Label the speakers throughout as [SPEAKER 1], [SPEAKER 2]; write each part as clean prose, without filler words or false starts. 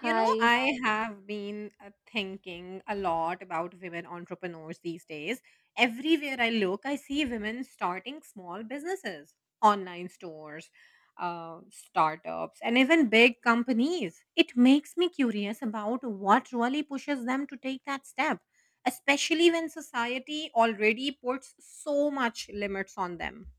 [SPEAKER 1] You know,
[SPEAKER 2] Hi,
[SPEAKER 1] I have been thinking a lot about women entrepreneurs these days. Everywhere I look, I see women starting small businesses, online stores, startups, and even big companies. It makes me curious about what really pushes them to take that step, especially when society already puts so much limits on them.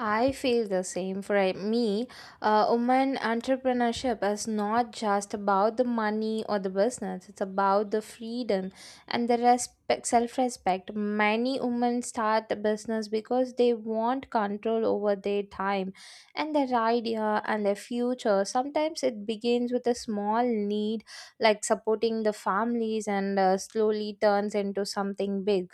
[SPEAKER 2] I feel the same. For me, woman entrepreneurship is not just about the money or the business. It's about the freedom and the respect, self-respect. Many women start the business because they want control over their time and their idea and their future. Sometimes it begins with a small need, like supporting the families, and slowly turns into something big.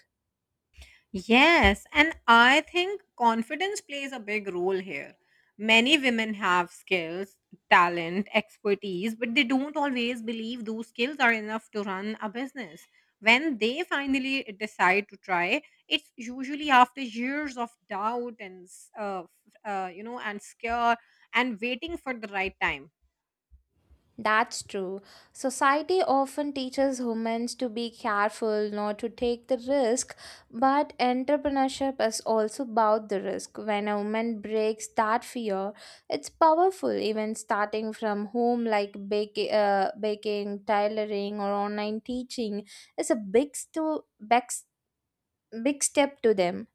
[SPEAKER 1] Yes, and I think confidence plays a big role here. Many women have skills, talent, expertise, but they don't always believe those skills are enough to run a business. When they finally decide to try, it's usually after years of doubt and and scare and waiting for the right time.
[SPEAKER 2] That's true. Society often teaches humans to be careful, not to take the risk, but entrepreneurship is also about the risk. When a woman breaks that fear, it's powerful. Even starting from home, like baking, tailoring, or online teaching, is a big step to them.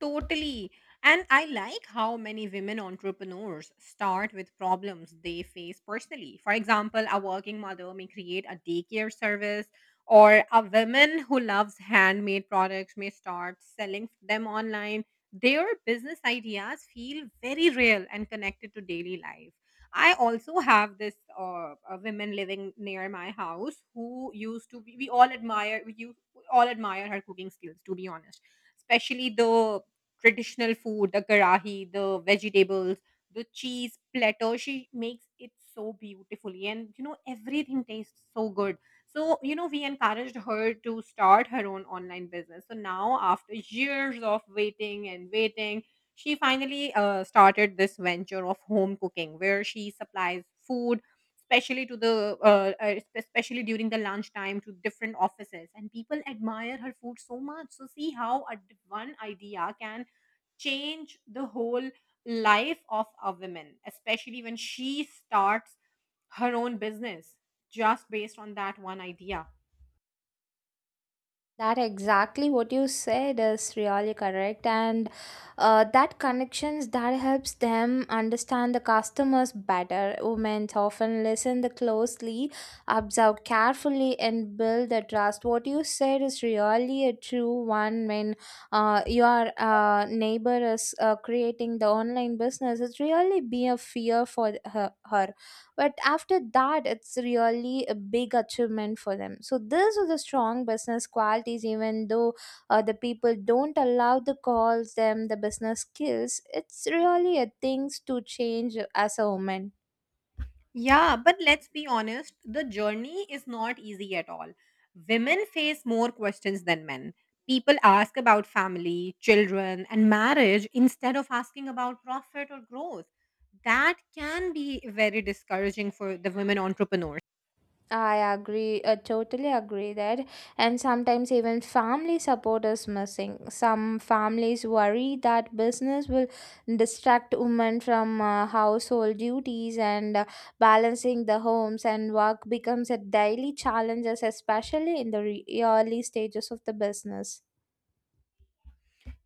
[SPEAKER 1] Totally. And I like how many women entrepreneurs start with problems they face personally. For example, a working mother may create a daycare service, or a woman who loves handmade products may start selling them online. Their business ideas feel very real and connected to daily life. I also have this women living near my house who used to be, we all admire, we all admire her cooking skills, to be honest, especially the traditional food, the karahi, the vegetables, the cheese platter. She makes it so beautifully, and you know everything tastes so good. So you know we encouraged her to start her own online business. So now after years of waiting and waiting, she finally started this venture of home cooking, where she supplies food especially to the especially during the lunchtime to different offices, and people admire her food so much. So see how a one idea can change the whole life of a woman, especially when she starts her own business just based on that one idea.
[SPEAKER 2] That exactly what you said is really correct, and that connections that helps them understand the customers better. Women often listen the closely, observe carefully, and build the trust. What you said is really a true one. When your neighbor is creating the online business, it's really be a fear for her, but after that it's really a big achievement for them. So these are the strong business qualities, even though the people don't allow the calls them the business skills. It's really a things to change as a woman.
[SPEAKER 1] Yeah, but let's be honest, the journey is not easy at all. Women face more questions than men. People ask about family, children, and marriage instead of asking about profit or growth. That can be very discouraging for the women entrepreneurs.
[SPEAKER 2] I agree, totally agree that. And sometimes even family support is missing. Some families worry that business will distract women from household duties, and balancing the homes and work becomes a daily challenge, especially in the early stages of the business.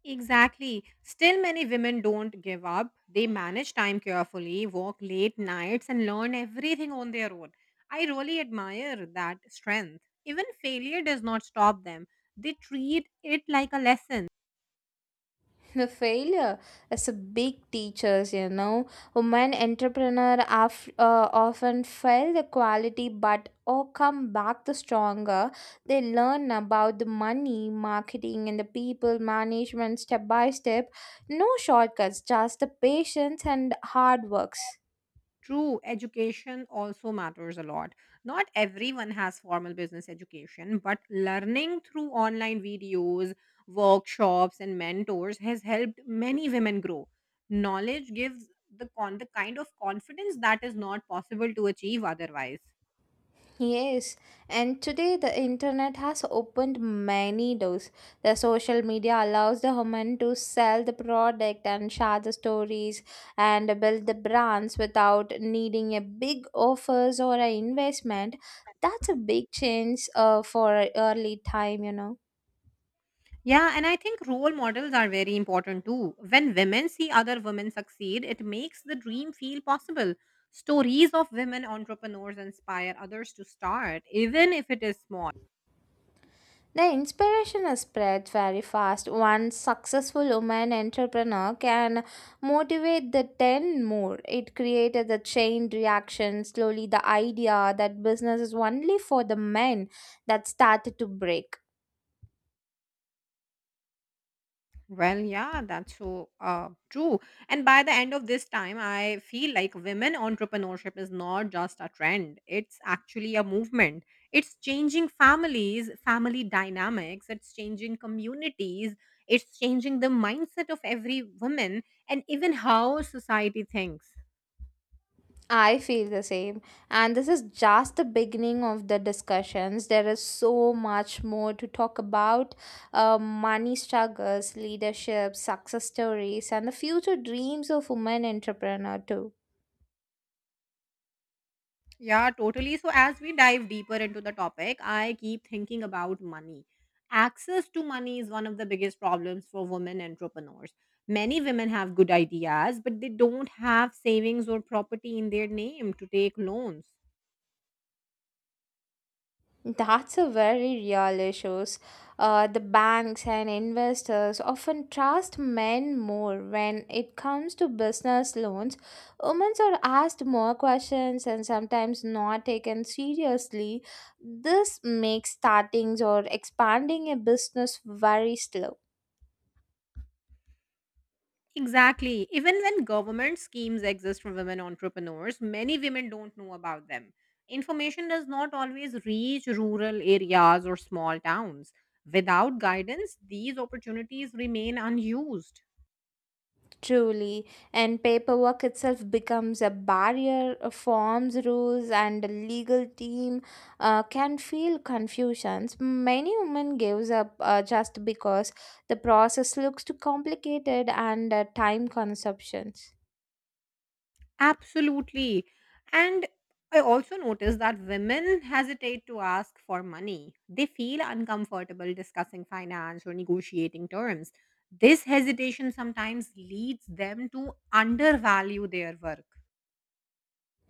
[SPEAKER 1] Exactly. Still, many women don't give up. They manage time carefully, work late nights, and learn everything on their own. I really admire that strength. Even failure does not stop them, they treat it like a lesson.
[SPEAKER 2] The failure is a big teachers. Women entrepreneur often fail the quality but or come back the stronger. They learn about the money, marketing and the people management step by step. No shortcuts, just the patience and hard works.
[SPEAKER 1] True, education also matters a lot. Not everyone has formal business education, but learning through online videos, workshops, and mentors has helped many women grow. Knowledge gives the kind of confidence that is not possible to achieve otherwise.
[SPEAKER 2] Yes, and today the internet has opened many doors. The social media allows the human to sell the product and share the stories and build the brands without needing a big offers or an investment. That's a big change for early time.
[SPEAKER 1] Yeah, and I think role models are very important too. When women see other women succeed, it makes the dream feel possible. Stories of women entrepreneurs inspire others to start, even if it is small.
[SPEAKER 2] The inspiration spreads very fast. One successful woman entrepreneur can motivate the 10 more. It created the chain reaction. Slowly, the idea that business is only for the men that started to break.
[SPEAKER 1] Well, yeah, that's so true. And by the end of this time, I feel like women entrepreneurship is not just a trend, it's actually a movement. It's changing families, family dynamics, it's changing communities, it's changing the mindset of every woman, and even how society thinks.
[SPEAKER 2] I feel the same. And this is just the beginning of the discussions. There is so much more to talk about money struggles, leadership, success stories, and the future dreams of women entrepreneur, too.
[SPEAKER 1] Yeah, totally. So, as we dive deeper into the topic, I keep thinking about money. Access to money is one of the biggest problems for women entrepreneurs. Many women have good ideas, but they don't have savings or property in their name to take loans.
[SPEAKER 2] That's a very real issue. The banks and investors often trust men more when it comes to business loans. Women are asked more questions and sometimes not taken seriously. This makes starting or expanding a business very slow.
[SPEAKER 1] Exactly. Even when government schemes exist for women entrepreneurs, many women don't know about them. Information does not always reach rural areas or small towns. Without guidance, these opportunities remain unused.
[SPEAKER 2] Truly, and paperwork itself becomes a barrier, forms, rules, and a legal team can feel confusions. Many women gives up just because the process looks too complicated and time consumptions.
[SPEAKER 1] Absolutely. And I also notice that women hesitate to ask for money. They feel uncomfortable discussing finance or negotiating terms. This hesitation sometimes leads them to undervalue their work.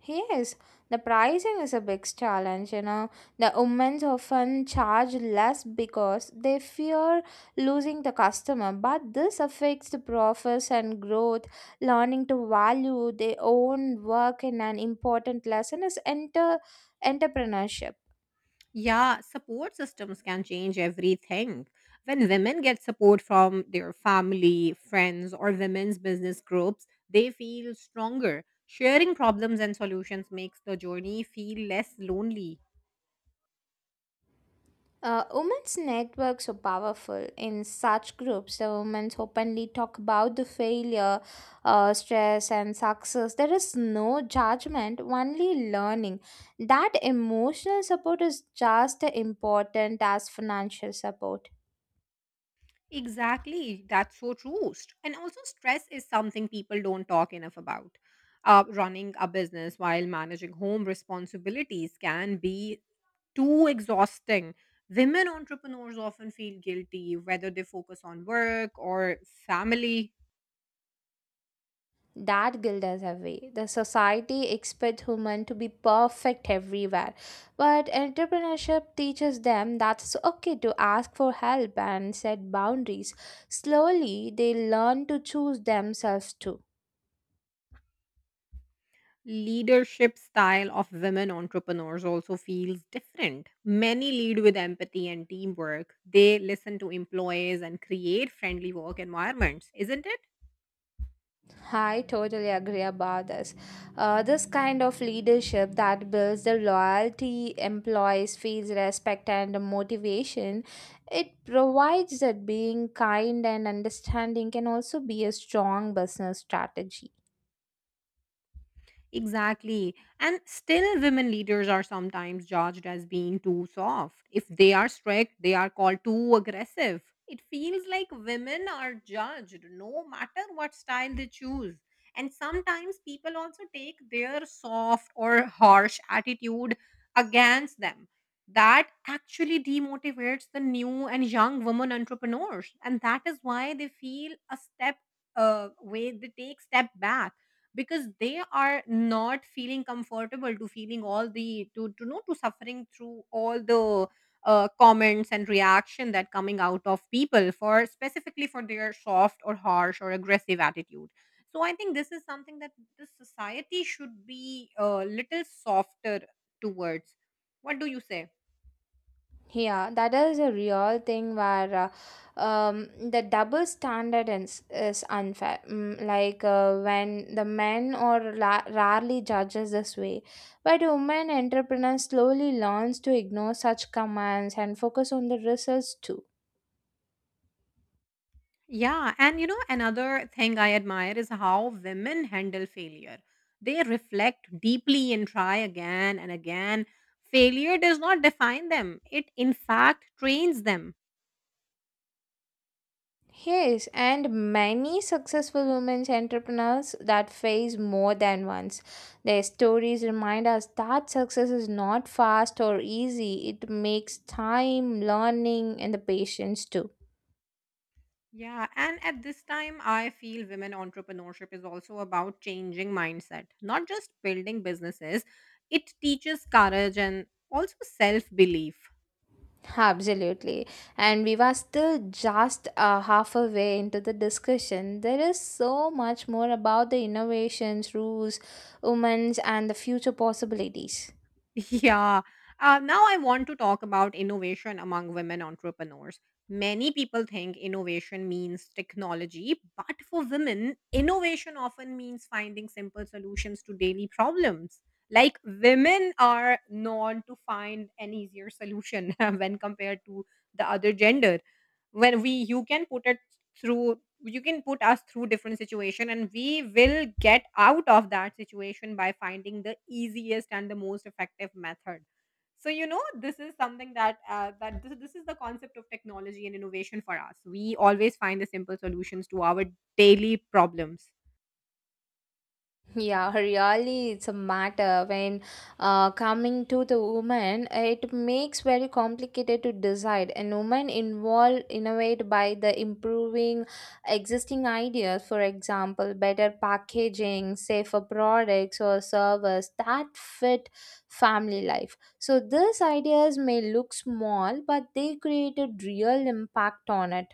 [SPEAKER 2] Yes, the pricing is a big challenge. The women often charge less because they fear losing the customer, but this affects the profits and growth. Learning to value their own work in an important lesson is enter entrepreneurship.
[SPEAKER 1] Yeah, support systems can change everything. When women get support from their family, friends, or women's business groups, they feel stronger. Sharing problems and solutions makes the journey feel less lonely.
[SPEAKER 2] Women's networks are powerful. In such groups, the women openly talk about the failure, stress, and success. There is no judgment, only learning. That emotional support is just as important as financial support.
[SPEAKER 1] Exactly. That's so true. And also, stress is something people don't talk enough about. Running a business while managing home responsibilities can be too exhausting. Women entrepreneurs often feel guilty whether they focus on work or family.
[SPEAKER 2] That guilt is heavy. The society expects women to be perfect everywhere, but entrepreneurship teaches them that it's okay to ask for help and set boundaries. Slowly, they learn to choose themselves too.
[SPEAKER 1] Leadership style of women entrepreneurs also feels different. Many lead with empathy and teamwork. They listen to employees and create friendly work environments, isn't it?
[SPEAKER 2] I totally agree about this. This kind of leadership that builds the loyalty, employees feels respect and motivation. It provides that being kind and understanding can also be a strong business strategy.
[SPEAKER 1] Exactly. And still, women leaders are sometimes judged as being too soft. If they are strict, they are called too aggressive. It feels like women are judged no matter what style they choose. And sometimes people also take their soft or harsh attitude against them. That actually demotivates the new and young women entrepreneurs. And that is why they feel a step way, they take step back because they are not feeling comfortable to feeling all the to know to suffering through all the comments and reaction that coming out of people for specifically for their soft or harsh or aggressive attitude. So I think this is something that the society should be a little softer towards. What do you say?
[SPEAKER 2] Yeah, that is a real thing where the double standard is unfair. Like when the men or rarely judges this way, but women entrepreneurs slowly learns to ignore such commands and focus on the results too.
[SPEAKER 1] Yeah, and you know, another thing I admire is how women handle failure. They reflect deeply and try again and again. Failure does not define them, it in fact trains them.
[SPEAKER 2] Yes, and many successful women entrepreneurs that face more than once. Their stories remind us that success is not fast or easy. It makes time, learning, and the patience too.
[SPEAKER 1] Yeah, and at this time, I feel women entrepreneurship is also about changing mindset, not just building businesses. It teaches courage and also self belief.
[SPEAKER 2] Absolutely. And we were still just half a way into the discussion. There is so much more about the innovations, rules, women's, and the future possibilities.
[SPEAKER 1] Yeah. Now I want to talk about innovation among women entrepreneurs. Many people think innovation means technology, but for women, innovation often means finding simple solutions to daily problems. Like women are known to find an easier solution when compared to the other gender. When we You can put it through, you can put us through different situation and we will get out of that situation by finding the easiest and the most effective method. So you know this is something that this is the concept of technology and innovation for us. We always find the simple solutions to our daily problems.
[SPEAKER 2] Yeah, really, it's a matter when coming to the woman, it makes very complicated to decide. And women involved innovate by the improving existing ideas, for example, better packaging, safer products or service that fit family life. So these ideas may look small, but they created real impact on it.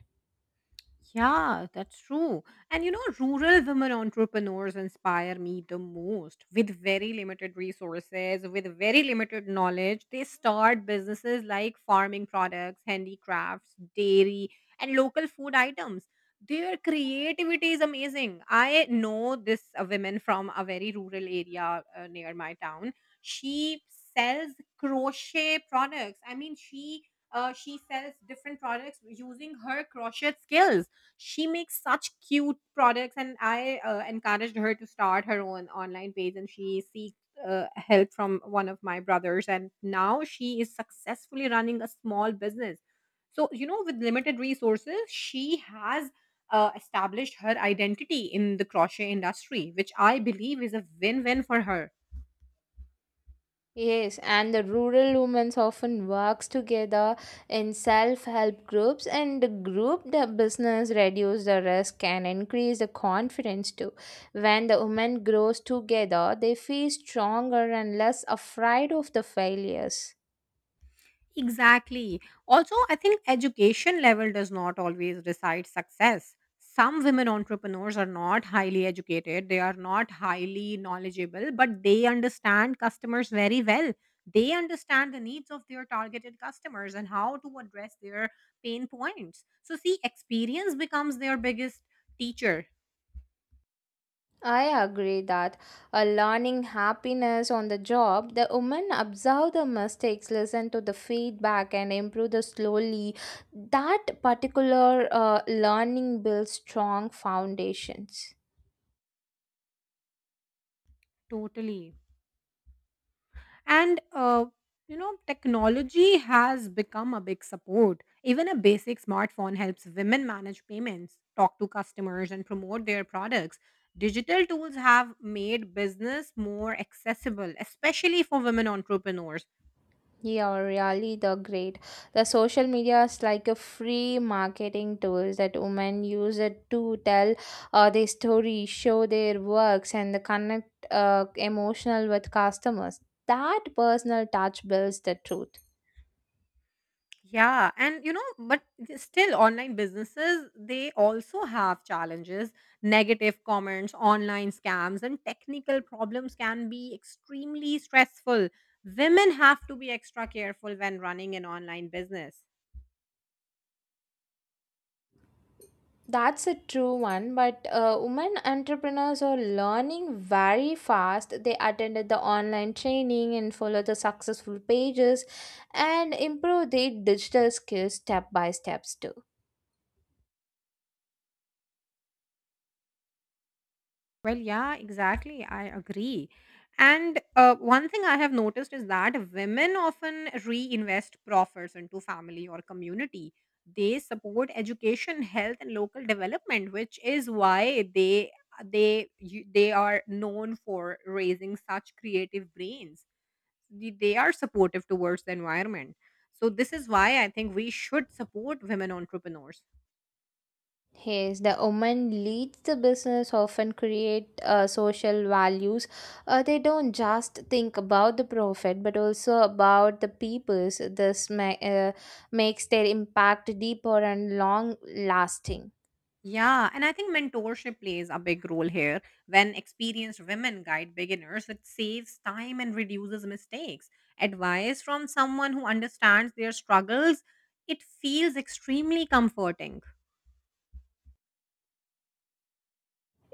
[SPEAKER 1] Yeah, that's true. And you know, rural women entrepreneurs inspire me the most. With very limited resources, with very limited knowledge, they start businesses like farming products, handicrafts, dairy, and local food items. Their creativity is amazing. I know this woman from a very rural area near my town. She sells crochet products. I mean, she sells different products using her crochet skills. She makes such cute products, and I encouraged her to start her own online page, and she seeks help from one of my brothers, and now she is successfully running a small business. So you know, with limited resources, she has established her identity in the crochet industry, which I believe is a win-win for her.
[SPEAKER 2] Yes, and the rural women often works together in self-help groups and the group the business reduce the risk and increase the confidence too. When the women grows together, they feel stronger and less afraid of the failures.
[SPEAKER 1] Exactly. Also, I think education level does not always decide success. Some women entrepreneurs are not highly educated, they are not highly knowledgeable, but they understand customers very well. They understand the needs of their targeted customers and how to address their pain points. So, see, experience becomes their biggest teacher.
[SPEAKER 2] I agree that a learning happiness on the job, the women observe the mistakes, listen to the feedback, and improve the slowly. That particular learning builds strong foundations.
[SPEAKER 1] Totally. And, you know, technology has become a big support. Even a basic smartphone helps women manage payments, talk to customers, and promote their products. Digital tools have made business more accessible, especially for women entrepreneurs.
[SPEAKER 2] Yeah, really, the great. The social media is like a free marketing tools that women use it to tell their story, show their works, and the connect emotional with customers. That personal touch builds the truth.
[SPEAKER 1] Yeah, and you know, but still, online businesses they also have challenges. Negative comments, online scams, and technical problems can be extremely stressful. Women have to be extra careful when running an online business.
[SPEAKER 2] That's a true one, but women entrepreneurs are learning very fast. They attended the online training and follow the successful pages and improve their digital skills step by steps too.
[SPEAKER 1] Well, yeah, exactly. I agree. And one thing I have noticed is that women often reinvest profits into family or community. They support education, health, and local development, which is why they are known for raising such creative brains. They are supportive towards the environment. So this is why I think we should support women entrepreneurs.
[SPEAKER 2] Yes, the woman leads the business often create social values. They don't just think about the profit, but also about the peoples. This makes their impact deeper and long lasting.
[SPEAKER 1] Yeah, and I think mentorship plays a big role here. When experienced women guide beginners, it saves time and reduces mistakes. Advice from someone who understands their struggles, it feels extremely comforting.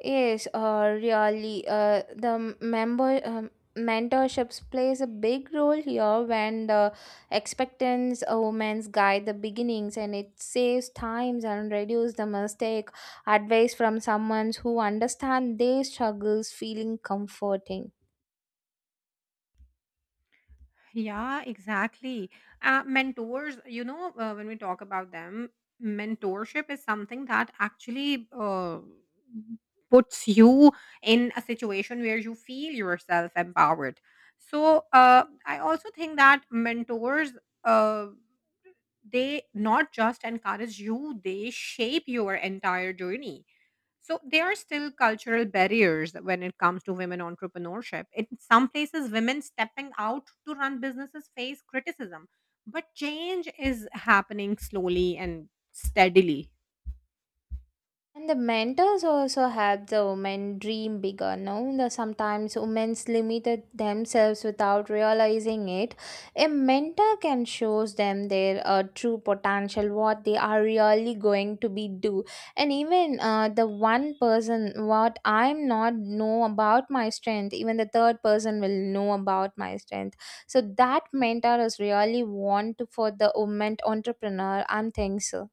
[SPEAKER 2] Yes, really, the member mentorships plays a big role here when the expectants a woman's guide the beginnings, and it saves times and reduce the mistake. Advice from someone who understand their struggles feeling comforting.
[SPEAKER 1] Yeah, exactly. Mentors, you know, when we talk about them, mentorship is something that actually puts you in a situation where you feel yourself empowered. So, I also think that mentors. Uh, they not just encourage you, they shape your entire journey. So there are still cultural barriers when it comes to women entrepreneurship. In some places, women stepping out to run businesses face criticism, but change is happening slowly and steadily.
[SPEAKER 2] And the mentors also help the women dream bigger. No, the sometimes women limited themselves without realizing it. A mentor can shows them their true potential, what they are really going to be do, and even the one person what I'm not know about my strength, even the third person will know about my strength. So that mentor is really want for the women entrepreneur. I am think so.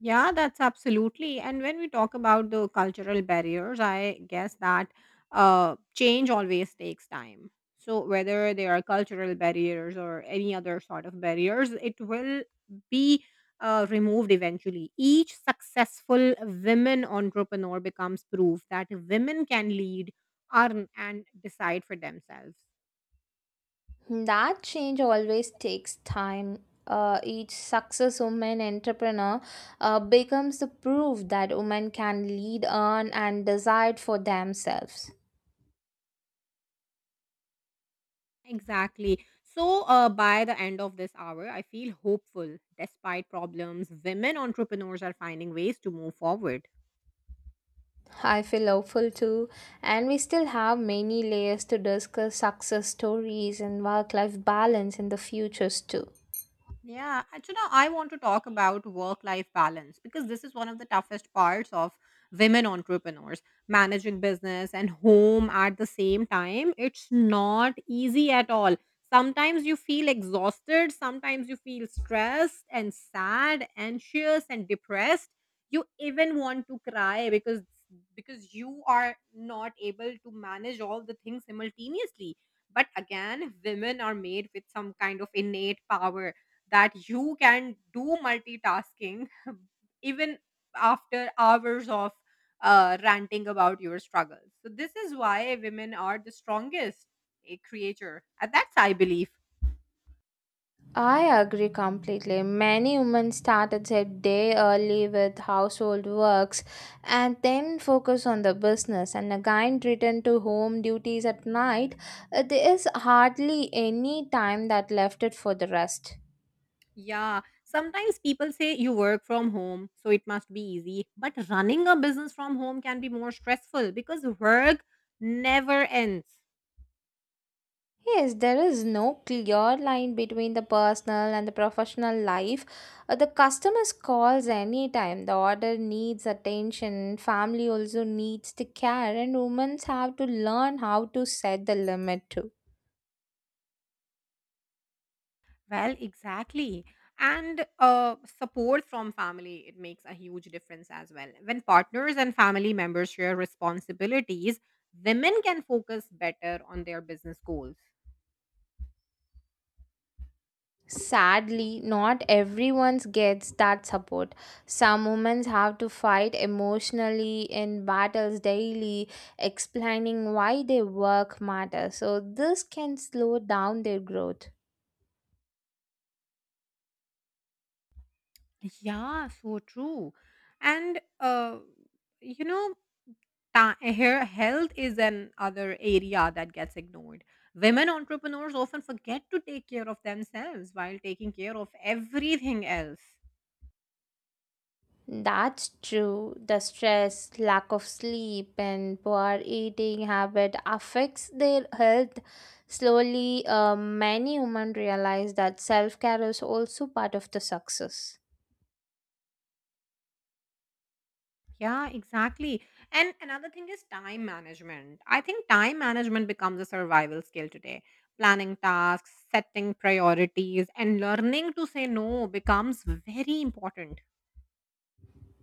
[SPEAKER 1] Yeah, that's absolutely. And when we talk about the cultural barriers, I guess that change always takes time. So, whether there are cultural barriers or any other sort of barriers, it will be removed eventually. Each successful women entrepreneur becomes proof that women can lead, earn, and decide for themselves.
[SPEAKER 2] That change always takes time. Each success woman entrepreneur becomes the proof that women can lead, earn, and desire for themselves.
[SPEAKER 1] Exactly. So, by the end of this hour, I feel hopeful. Despite problems, women entrepreneurs are finding ways to move forward.
[SPEAKER 2] I feel hopeful too, and we still have many layers to discuss success stories and work life balance in the futures too.
[SPEAKER 1] Yeah, and you know, I want to talk about work life balance because this is one of the toughest parts of women entrepreneurs. Managing business and home at the same time, it's not easy at all. Sometimes you feel exhausted, sometimes you feel stressed and sad, anxious and depressed. You even want to cry because you are not able to manage all the things simultaneously. But again, women are made with some kind of innate power that you can do multitasking even after hours of ranting about your struggles. So this is why women are the strongest creature. And that's I believe.
[SPEAKER 2] I agree completely. Many women started their day early with household works and then focus on the business and again return to home duties at night. There is hardly any time that left it for the rest.
[SPEAKER 1] Yeah, sometimes people say you work from home, so it must be easy. But running a business from home can be more stressful because work never ends.
[SPEAKER 2] Yes, there is no clear line between the personal and the professional life. The customers calls anytime. The order needs attention. Family also needs the care, and women have to learn how to set the limit too.
[SPEAKER 1] Well, exactly. And support from family, it makes a huge difference as well. When partners and family members share responsibilities, women can focus better on their business goals.
[SPEAKER 2] Sadly, not everyone gets that support. Some women have to fight emotionally in battles daily, explaining why their work matters. So this can slow down their growth.
[SPEAKER 1] Yeah, so true. And, you know, ta- Hair health is another area that gets ignored. Women entrepreneurs often forget to take care of themselves while taking care of everything else.
[SPEAKER 2] That's true. The stress, lack of sleep, and poor eating habit affects their health. Slowly, many women realize that self care is also part of the success.
[SPEAKER 1] Yeah, exactly. And another thing is time management. I think time management becomes a survival skill today. Planning tasks, setting priorities, and learning to say no becomes very important.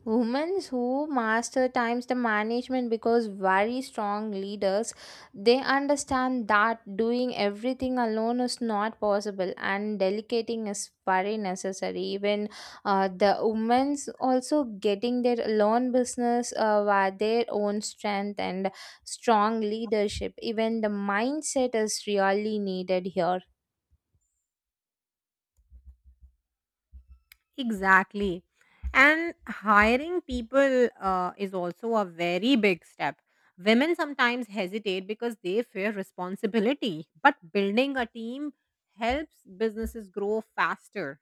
[SPEAKER 2] Women who master times the management because very strong leaders, they understand that doing everything alone is not possible and delegating is very necessary. Even the women's also getting their own business by their own strength and strong leadership. Even the mindset is really needed here.
[SPEAKER 1] Exactly. And hiring people is also a very big step. Women sometimes hesitate because they fear responsibility, but building a team helps businesses grow faster.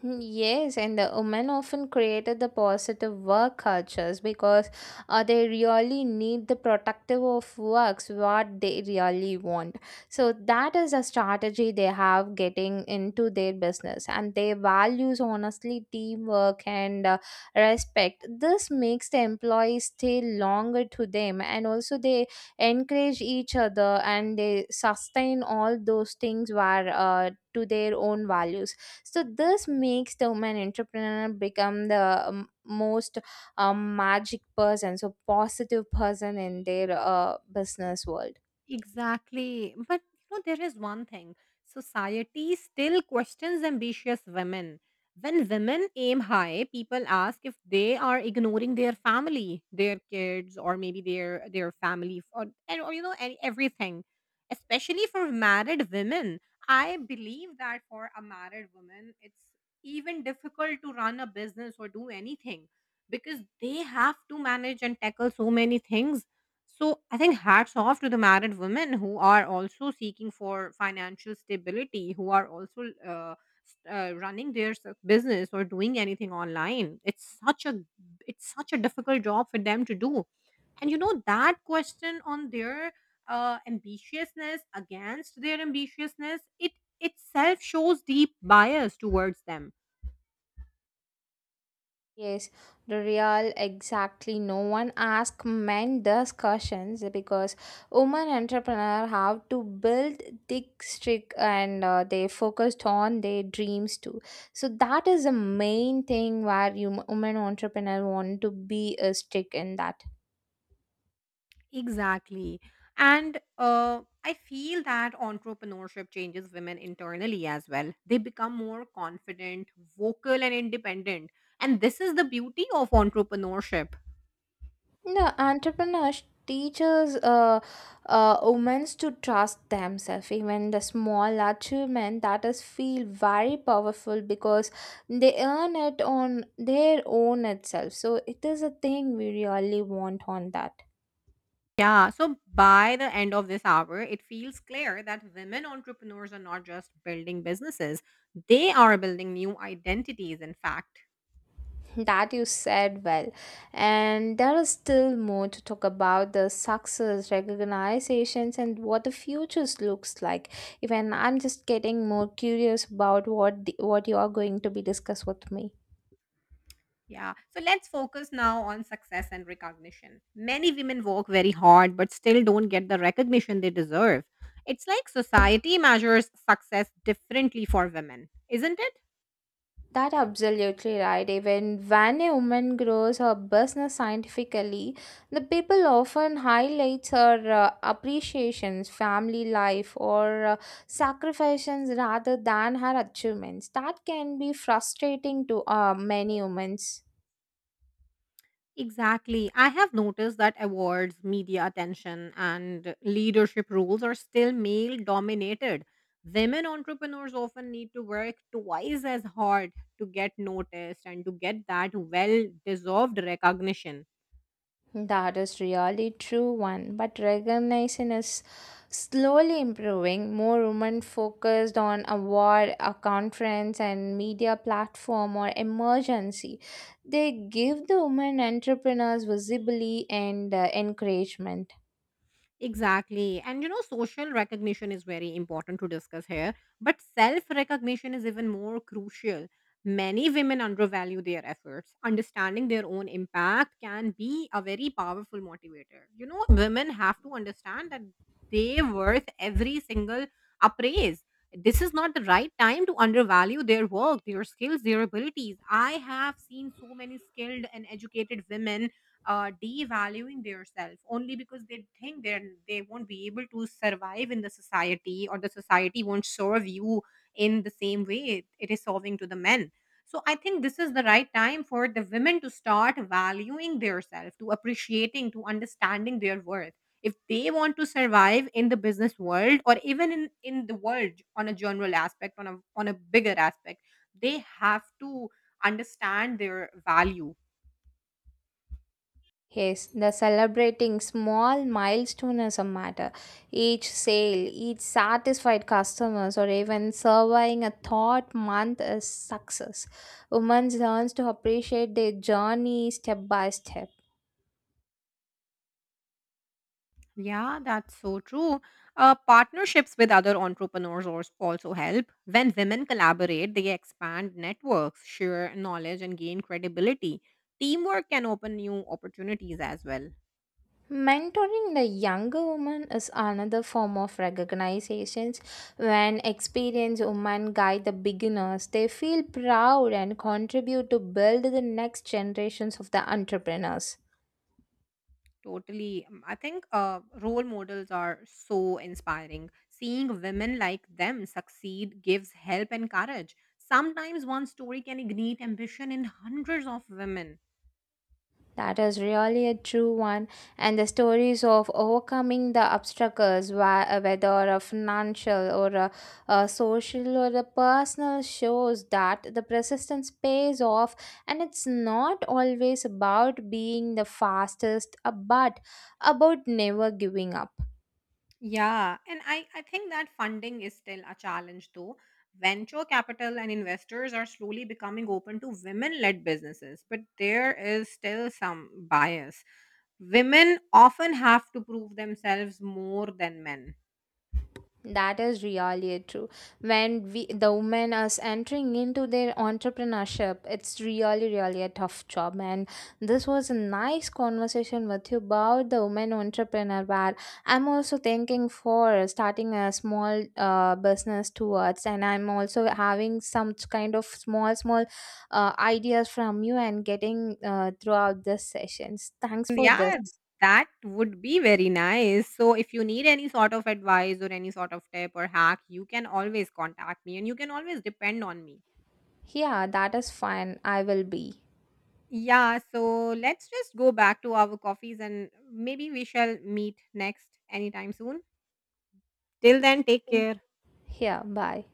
[SPEAKER 2] Hmm, yes, and the women often created the positive work cultures because they really need the protective of works what they really want. So that is a strategy they have getting into their business, and their values honestly teamwork and respect. This makes the employees stay longer to them, and also they encourage each other and they sustain all those things were to their own values. So this makes the woman entrepreneur become the most magic person, so positive person in their business world.
[SPEAKER 1] Exactly. But you know, there is one thing. Society still questions ambitious women. When women aim high, people ask if they are ignoring their family, their kids, or maybe their family, or everything. Especially for married women, I believe that for a married woman, it's even difficult to run a business or do anything because they have to manage and tackle so many things, so I think hats off to the married women who are also seeking for financial stability, who are also running their business or doing anything online. It's such a difficult job for them to do, and you know that question on their ambitiousness against their ambitiousness it itself shows deep bias towards them.
[SPEAKER 2] Yes, the real exactly no one ask men these questions, because women entrepreneur have to build thick strict, and they focused on their dreams too. So that is the main thing where you women entrepreneur want to be a stick in that.
[SPEAKER 1] Exactly. And I feel that entrepreneurship changes women internally as well. They become more confident, vocal, and independent. And this is the beauty of entrepreneurship.
[SPEAKER 2] The entrepreneurs teaches women to trust themselves. Even the small achievement that is feel very powerful because they earn it on their own itself. So it is a thing we really want on that.
[SPEAKER 1] Yeah, so by the end of this hour, it feels clear that women entrepreneurs are not just building businesses, they are building new identities, in fact.
[SPEAKER 2] That you said well, and there is still more to talk about the success recognizations and what the futures looks like. Even I'm just getting more curious about what you are going to be discuss with me.
[SPEAKER 1] Yeah. So let's focus now on success and recognition. Many women work very hard but still don't get the recognition they deserve. It's like society measures success differently for women, isn't it?
[SPEAKER 2] That absolutely right. Even when a woman grows her business scientifically, the people often highlights her appreciations, family life, or sacrifices rather than her achievements. That can be frustrating to many women.
[SPEAKER 1] Exactly. I have noticed that awards, media attention, and leadership roles are still male dominated. Women entrepreneurs often need to work twice as hard to get noticed and to get that well deserved recognition.
[SPEAKER 2] That is really true one, but recognition is slowly improving. More women focused on award, a conference, and media platform or emergency. They give the women entrepreneurs visibility and encouragement.
[SPEAKER 1] Exactly. And you know, social recognition is very important to discuss here, but self recognition is even more crucial. Many women undervalue their efforts. Understanding their own impact can be a very powerful motivator. You know, women have to understand that they worth every single appraise. This is not the right time to undervalue their work, their skills, their abilities. I have seen so many skilled and educated women devaluing themselves only because they think they won't be able to survive in the society or the society won't serve you in the same way it is serving to the men. So I think this is the right time for the women to start valuing themselves, to appreciating, to understanding their worth. If they want to survive in the business world or even in the world on a general aspect, on a bigger aspect, they have to understand their value.
[SPEAKER 2] Yes, the celebrating small milestone is a matter. Each sale, each satisfied customers, or even surviving a thought month is success. Women learns to appreciate their journey step by step.
[SPEAKER 1] Yeah, that's so true. Partnerships with other entrepreneurs also help. When women collaborate, they expand networks, share knowledge, and gain credibility. Teamwork can open new opportunities as well.
[SPEAKER 2] Mentoring the younger woman is another form of recognitions. When experienced women guide the beginners, they feel proud and contribute to build the next generations of the entrepreneurs.
[SPEAKER 1] Totally. I think role models are so inspiring. Seeing women like them succeed gives help and courage. Sometimes one story can ignite ambition in hundreds of women.
[SPEAKER 2] That is really a true one. And the stories of overcoming the obstacles, whether a financial or a social or a personal, shows that the persistence pays off. And it's not always about being the fastest, but about never giving up.
[SPEAKER 1] Yeah, and I think that funding is still a challenge though. Venture capital and investors are slowly becoming open to women led businesses, but there is still some bias. Women often have to prove themselves more than men.
[SPEAKER 2] That is really true. When we the women is entering into their entrepreneurship, it's really a tough job. And this was a nice conversation with you about the women entrepreneur. Where I'm also thinking for starting a small business towards, and I'm also having some kind of small ideas from you and getting throughout this sessions. Thanks for this.
[SPEAKER 1] Yeah, that would be very nice. So, if you need any sort of advice or any sort of tip or hack, you can always contact me and you can always depend on me.
[SPEAKER 2] Yeah, that is fine. I will be.
[SPEAKER 1] Yeah, so let's just go back to our coffees and maybe we shall meet next anytime soon. Till then, take
[SPEAKER 2] Yeah,
[SPEAKER 1] care.
[SPEAKER 2] yeah, bye.